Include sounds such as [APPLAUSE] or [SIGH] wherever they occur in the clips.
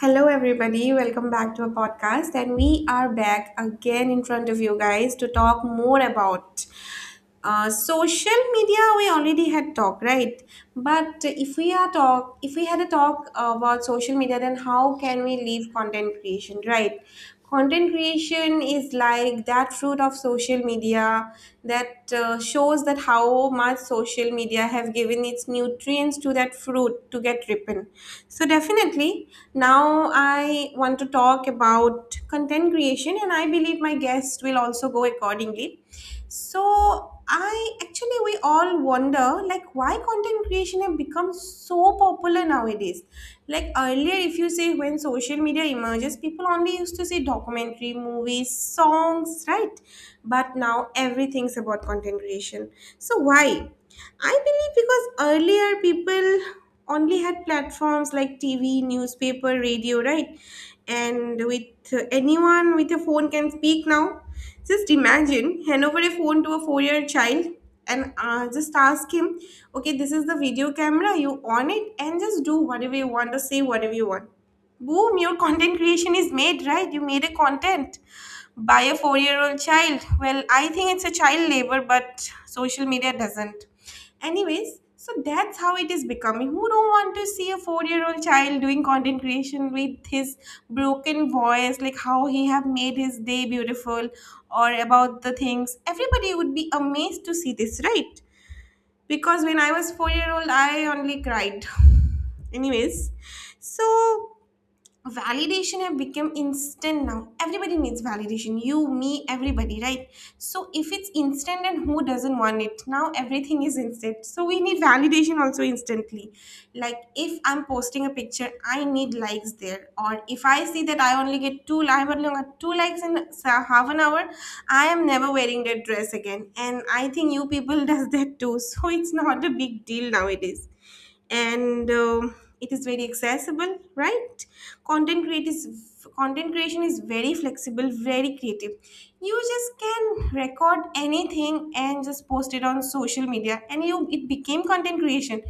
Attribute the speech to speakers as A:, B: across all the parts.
A: Hello, everybody. Welcome back to a podcast. And we are back again in front of you guys to talk more about social media. We already had talk, right? But if we are talk if we had a talk about social media, then how can we leave content creation, right? Content creation is like that fruit of social media that shows that how much social media have given its nutrients to that fruit to get ripen. So definitely now I want to talk about content creation and I believe my guest will also go accordingly. So I actually, we all wonder like why content creation have become so popular nowadays. Like earlier, if you say when social media emerges, people only used to say documentary, movies, songs, right? But now everything's about content creation. So why? I believe because earlier people only had platforms like TV, newspaper, radio, right? And with anyone with a phone can speak now. Just imagine hand over a phone to a four-year child and just ask him, okay, this is the video camera, you on it, and just do whatever you want or say whatever you want. Boom, your content creation is made, right? You made a content by a 4-year old child. Well, I think it's a child labor, but social media doesn't. Anyways, so that's how it is becoming. Who don't want to see a 4 year old child doing content creation with his broken voice, like how he have made his day beautiful or about the things? Everybody would be amazed to see this, right? Because when I was 4 year old, I only cried. [LAUGHS] Anyways, so validation have become instant. Now everybody needs validation, you, me, everybody, right? So if it's instant, and who doesn't want it? Now everything is instant, so we need validation also instantly. Like if I'm posting a picture, I need likes there. Or if I see that I only get I only got two likes in half an hour, I am never wearing that dress again. And I think you people [LAUGHS] does that too, so it's not a big deal nowadays. And it is very accessible, right? content create is Content creation is very flexible, very creative. You just can record anything and just post it on social media, and you it became content creation.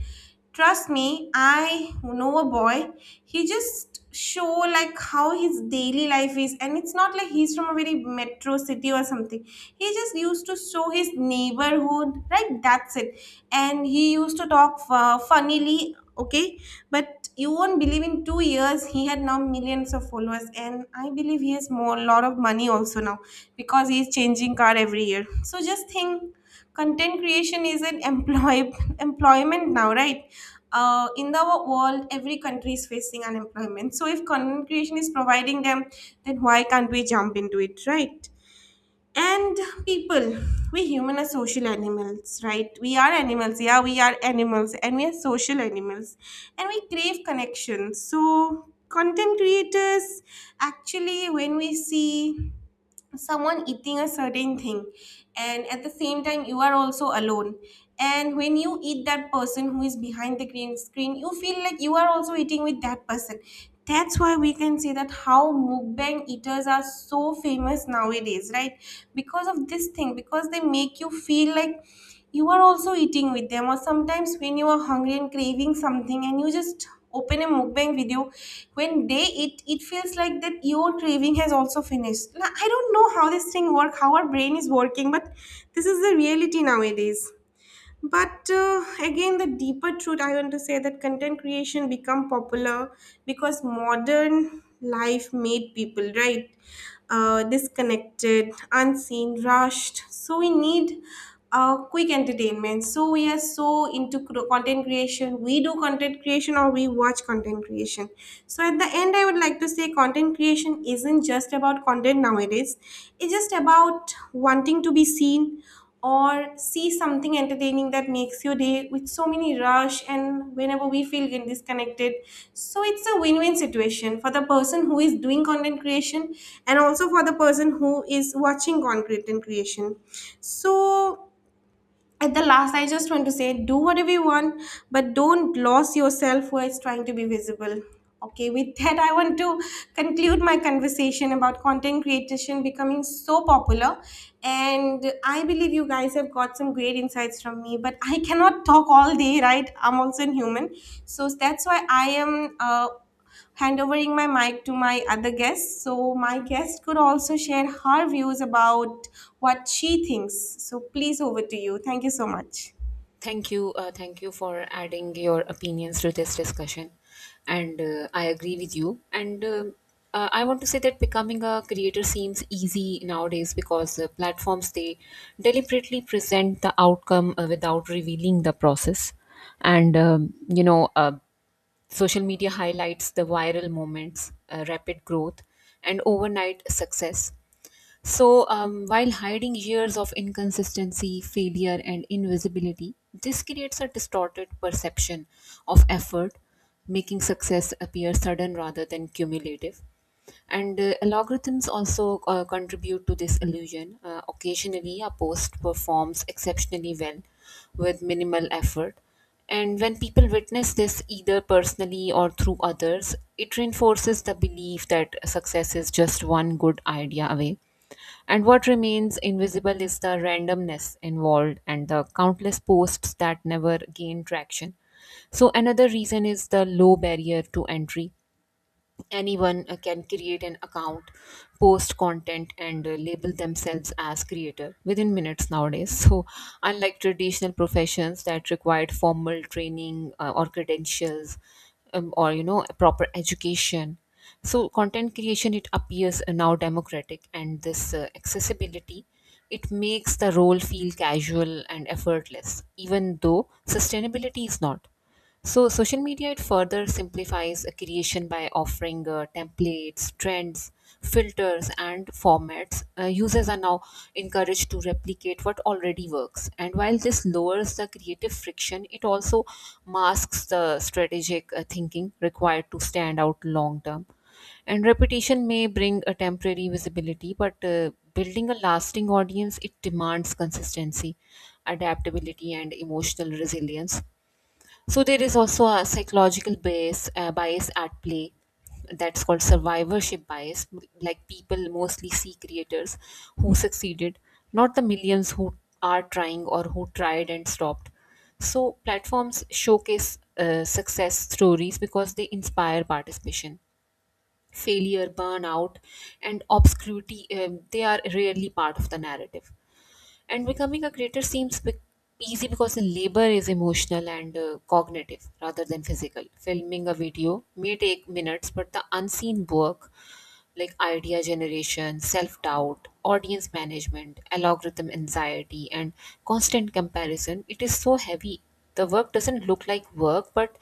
A: Trust me, I know a boy. He just show like how his daily life is, and it's not like he's from a very metro city or something. He just used to show his neighborhood childhood, right? That's it. And he used to talk funnily, okay? But you won't believe, in 2 years he had now millions of followers, and I believe he has more lot of money also now, because he's changing car every year. So just think, content creation is an employ [LAUGHS] employment now, right? In the world, every country is facing unemployment, so if content creation is providing them, then why can't we jump into it, right? And people, we human are social animals, right? We are animals. Yeah, we are animals and we are social animals. And we crave connections. So content creators, actually, when we see someone eating a certain thing, and at the same time you are also alone, and when you eat, that person who is behind the green screen, you feel like you are also eating with that person. That's why we can say that how mukbang eaters are so famous nowadays, right? Because of this thing, because they make you feel like you are also eating with them. Or sometimes when you are hungry and craving something, and you just open a mukbang video, when they eat, it feels like that your craving has also finished. Now, I don't know how this thing work, how our brain is working, but this is the reality nowadays. But again, the deeper truth I want to say, that content creation become popular because modern life made people, right, disconnected, unseen, rushed. So we need quick entertainment. So we are so into content creation. We do content creation or we watch content creation. So at the end, I would like to say, content creation isn't just about content nowadays. It's just about wanting to be seen, or see something entertaining that makes your day with so many rush and whenever we feel get disconnected. So it's a win-win situation for the person who is doing content creation and also for the person who is watching content creation. So at the last, I just want to say, do whatever you want, but don't lose yourself while trying to be visible. Okay, with that I want to conclude my conversation about content creation becoming so popular. And I believe you guys have got some great insights from me, but I cannot talk all day, right? I'm also a human. So that's why I am handovering my mic to my other guest, so my guest could also share her views about what she thinks. So please, over to you. Thank you so much.
B: Thank you. Thank you for adding your opinions to this discussion. And I agree with you. And I want to say that becoming a creator seems easy nowadays because platforms they deliberately present the outcome without revealing the process. And um, you know, uh, Social media highlights the viral moments, rapid growth, and overnight success, so, while hiding years of inconsistency, failure, and invisibility, this creates a distorted perception of effort, making success appear sudden rather than cumulative. And Algorithms also contribute to this illusion. Occasionally, a post performs exceptionally well with minimal effort. And when people witness this either personally or through others, it reinforces the belief that success is just one good idea away, and what remains invisible is the randomness involved and the countless posts that never gain traction. So another reason is the low barrier to entry. Anyone can create an account, post content, and label themselves as creator within minutes nowadays. So unlike traditional professions that required formal training or credentials, or you know, proper education, so content creation it appears now democratic, and this accessibility it makes the role feel casual and effortless, even though sustainability is not. So social media it further simplifies a creation by offering templates, trends, filters, and formats. Users are now encouraged to replicate what already works. And while this lowers the creative friction, it also masks the strategic thinking required to stand out long term. And repetition may bring a temporary visibility, but building a lasting audience it demands consistency, adaptability, and emotional resilience. So there is also a psychological bias, bias at play, that's called survivorship bias. Like, people mostly see creators who succeeded, not the millions who are trying or who tried and stopped. So platforms showcase success stories because they inspire participation. Failure, burnout, and obscurity, they are rarely part of the narrative. And becoming a creator seems bec easy because the labor is emotional and cognitive rather than physical. Filming a video may take minutes, but the unseen work like idea generation, self doubt, audience management, algorithm anxiety, and constant comparison, it is so heavy. The work doesn't look like work, but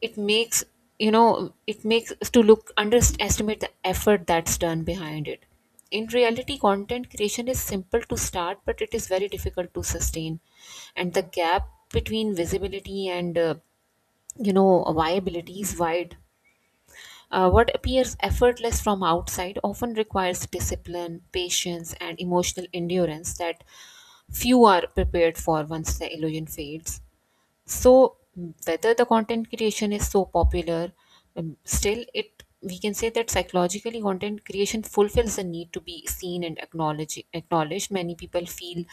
B: it makes it makes us to look underestimate the effort that's done behind it. In reality, content creation is simple to start but it is very difficult to sustain, and the gap between visibility and you know viability is wide. What appears effortless from outside often requires discipline, patience, and emotional endurance that few are prepared for once the illusion fades. So, whether the content creation is so popular, still, it we can say that psychologically content creation fulfills the need to be seen and acknowledged. Many people feel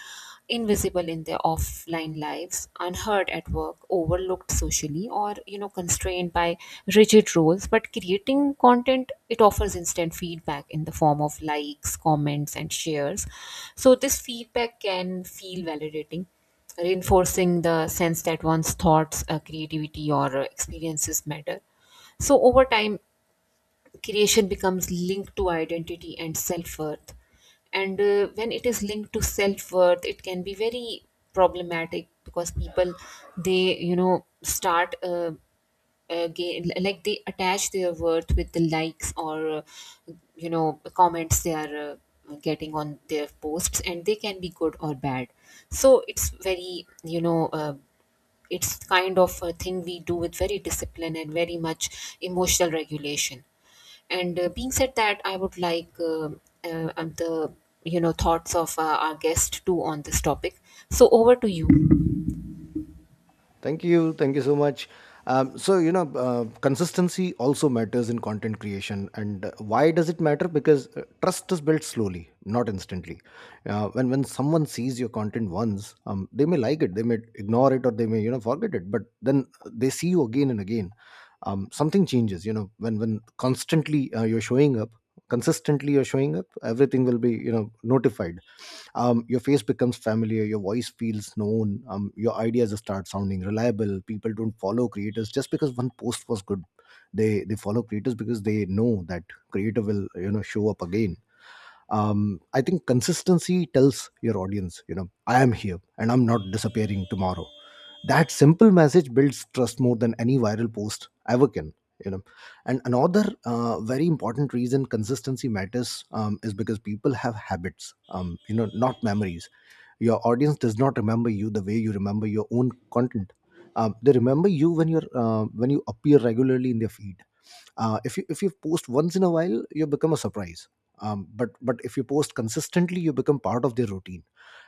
B: invisible in their offline lives, unheard at work, overlooked socially, or you know, constrained by rigid roles, but creating content it offers instant feedback in the form of likes, comments, and shares. So this feedback can feel validating, reinforcing the sense that one's thoughts, creativity, or experiences matter. So, over time, creation becomes linked to identity and self-worth. And when it is linked to self-worth it can be very problematic, because people they you know start like they attach their worth with the likes or you know, comments they are getting on their posts, and they can be good or bad. So it's very you know, it's kind of a thing we do with very discipline and very much emotional regulation. And being said that, I would like the you know thoughts of our guest too on this topic. So over to you.
C: Thank you. Thank you so much. Consistency also matters in content creation. And why does it matter? Because trust is built slowly, not instantly. When someone sees your content once, they may like it, they may ignore it, or they may, forget it. But then they see you again and again. Something changes, you know, when constantly you're showing up, consistently you're showing up, everything will be, you know, notified. Your face becomes familiar, your voice feels known, your ideas start sounding reliable. People don't follow creators just because one post was good, they follow creators because they know that creator will, you know, show up again. I think consistency tells your audience, you know, I am here and I'm not disappearing tomorrow. That simple message builds trust more than any viral post ever can, you know. And another very important reason consistency matters, is because people have habits, you know, not memories. Your audience does not remember you the way you remember your own content. They remember you when you're when you appear regularly in their feed. If you post once in a while, you become a surprise. But if you post consistently, you become part of their routine.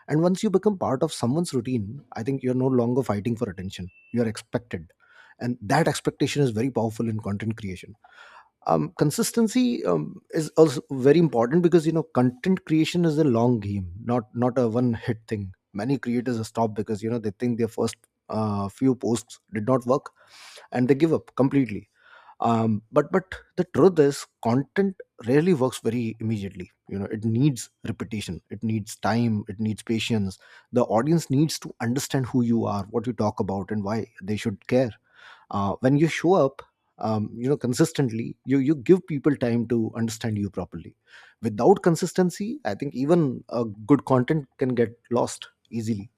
C: And once you become part of someone's routine, I think you're no longer fighting for attention. You're expected. And that expectation is very powerful in content creation. Consistency is also very important because, you know, content creation is a long game, not a one hit thing. Many creators stop because, you know, they think their first few posts did not work, and they give up completely. But the truth is, content rarely works very immediately. You know, it needs repetition, it needs time, it needs patience. The audience needs to understand who you are, what you talk about, and why they should care. When you show up, consistently, you give people time to understand you properly. Without consistency, I think even a good content can get lost easily.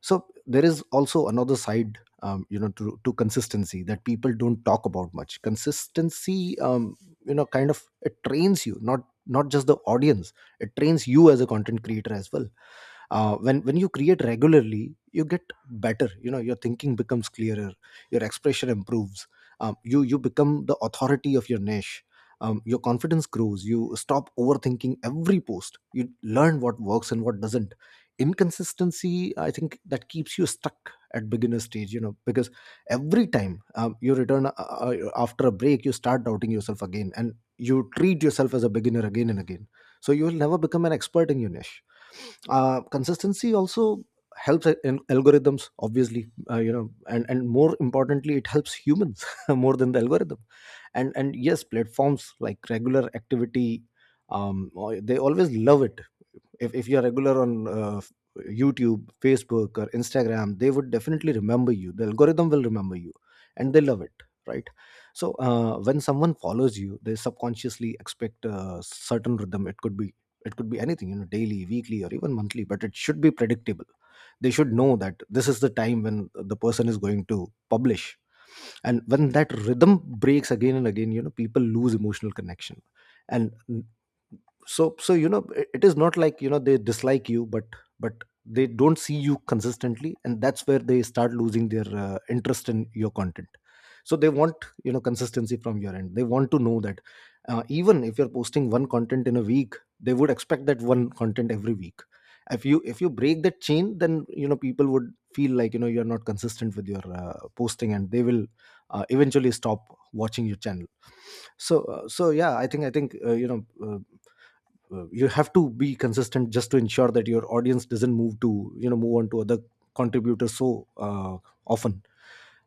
C: So there is also another side, you know, to consistency that people don't talk about much. Consistency, you know, kind of, it trains you, not not just the audience, it trains you as a content creator as well. When you create regularly, you get better. You know, your thinking becomes clearer, your expression improves. You become the authority of your niche. Your confidence grows, you stop overthinking every post, you learn what works and what doesn't. Inconsistency, I think, that keeps you stuck at beginner stage, you know, because every time, you return, after a break, you start doubting yourself again, and you treat yourself as a beginner again and again. So you will never become an expert in your niche. Consistency also helps in algorithms, obviously, you know, and more importantly, it helps humans [LAUGHS] more than the algorithm. And yes, platforms like regular activity, they always love it. If you're regular on YouTube, Facebook, or Instagram, they would definitely remember you, the algorithm will remember you, and they love it, right? So when someone follows you, they subconsciously expect a certain rhythm. It could be anything, you know, daily, weekly, or even monthly, but it should be predictable. They should know that this is the time when the person is going to publish. And when that rhythm breaks again and again, you know, people lose emotional connection. And so, you know, it is not like, you know, they dislike you, but they don't see you consistently, and that's where they start losing their interest in your content. So they want, you know, consistency from your end. They want to know that even if you're posting one content in a week, they would expect that one content every week. If you break that chain, then, you know, people would feel like, you know, you're not consistent with your posting, and they will eventually stop watching your channel. So yeah, I think you know, you have to be consistent just to ensure that your audience doesn't move to, you know, move on to other contributors. Often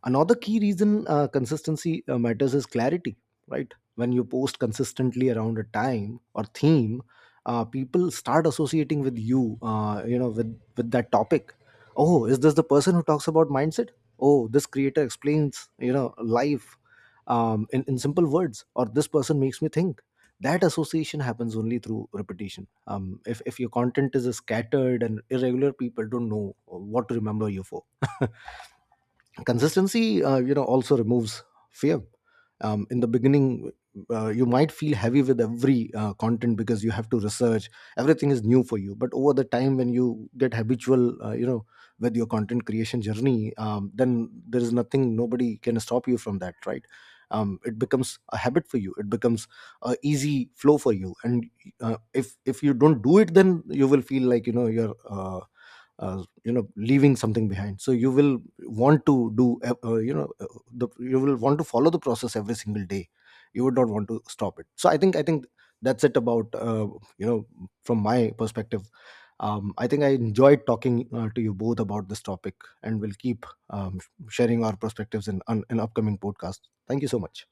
C: another key reason consistency matters is clarity, right? When you post consistently around a time or theme, people start associating with you, you know, with that topic. Oh, is this the person who talks about mindset? Oh, this creator explains, you know, life in simple words, or this person makes me think. That association happens only through repetition. If your content is scattered and irregular, people don't know what to remember you for. [LAUGHS] Consistency, you know, also removes fear. In the beginning, you might feel heavy with every content because you have to research, everything is new for you. But over the time, when you get habitual, you know, with your content creation journey, then there is nothing, nobody can stop you from that, right? It becomes a habit for you, it becomes a easy flow for you. And if you don't do it, then you will feel like, you know, you're uh, you know, leaving something behind. So you will want to do you know the you will want to follow the process every single day. You would not want to stop it. So I think that's it about, you know, from my perspective. I think I enjoyed talking to you both about this topic, and we'll keep sharing our perspectives in upcoming podcasts. Thank you so much.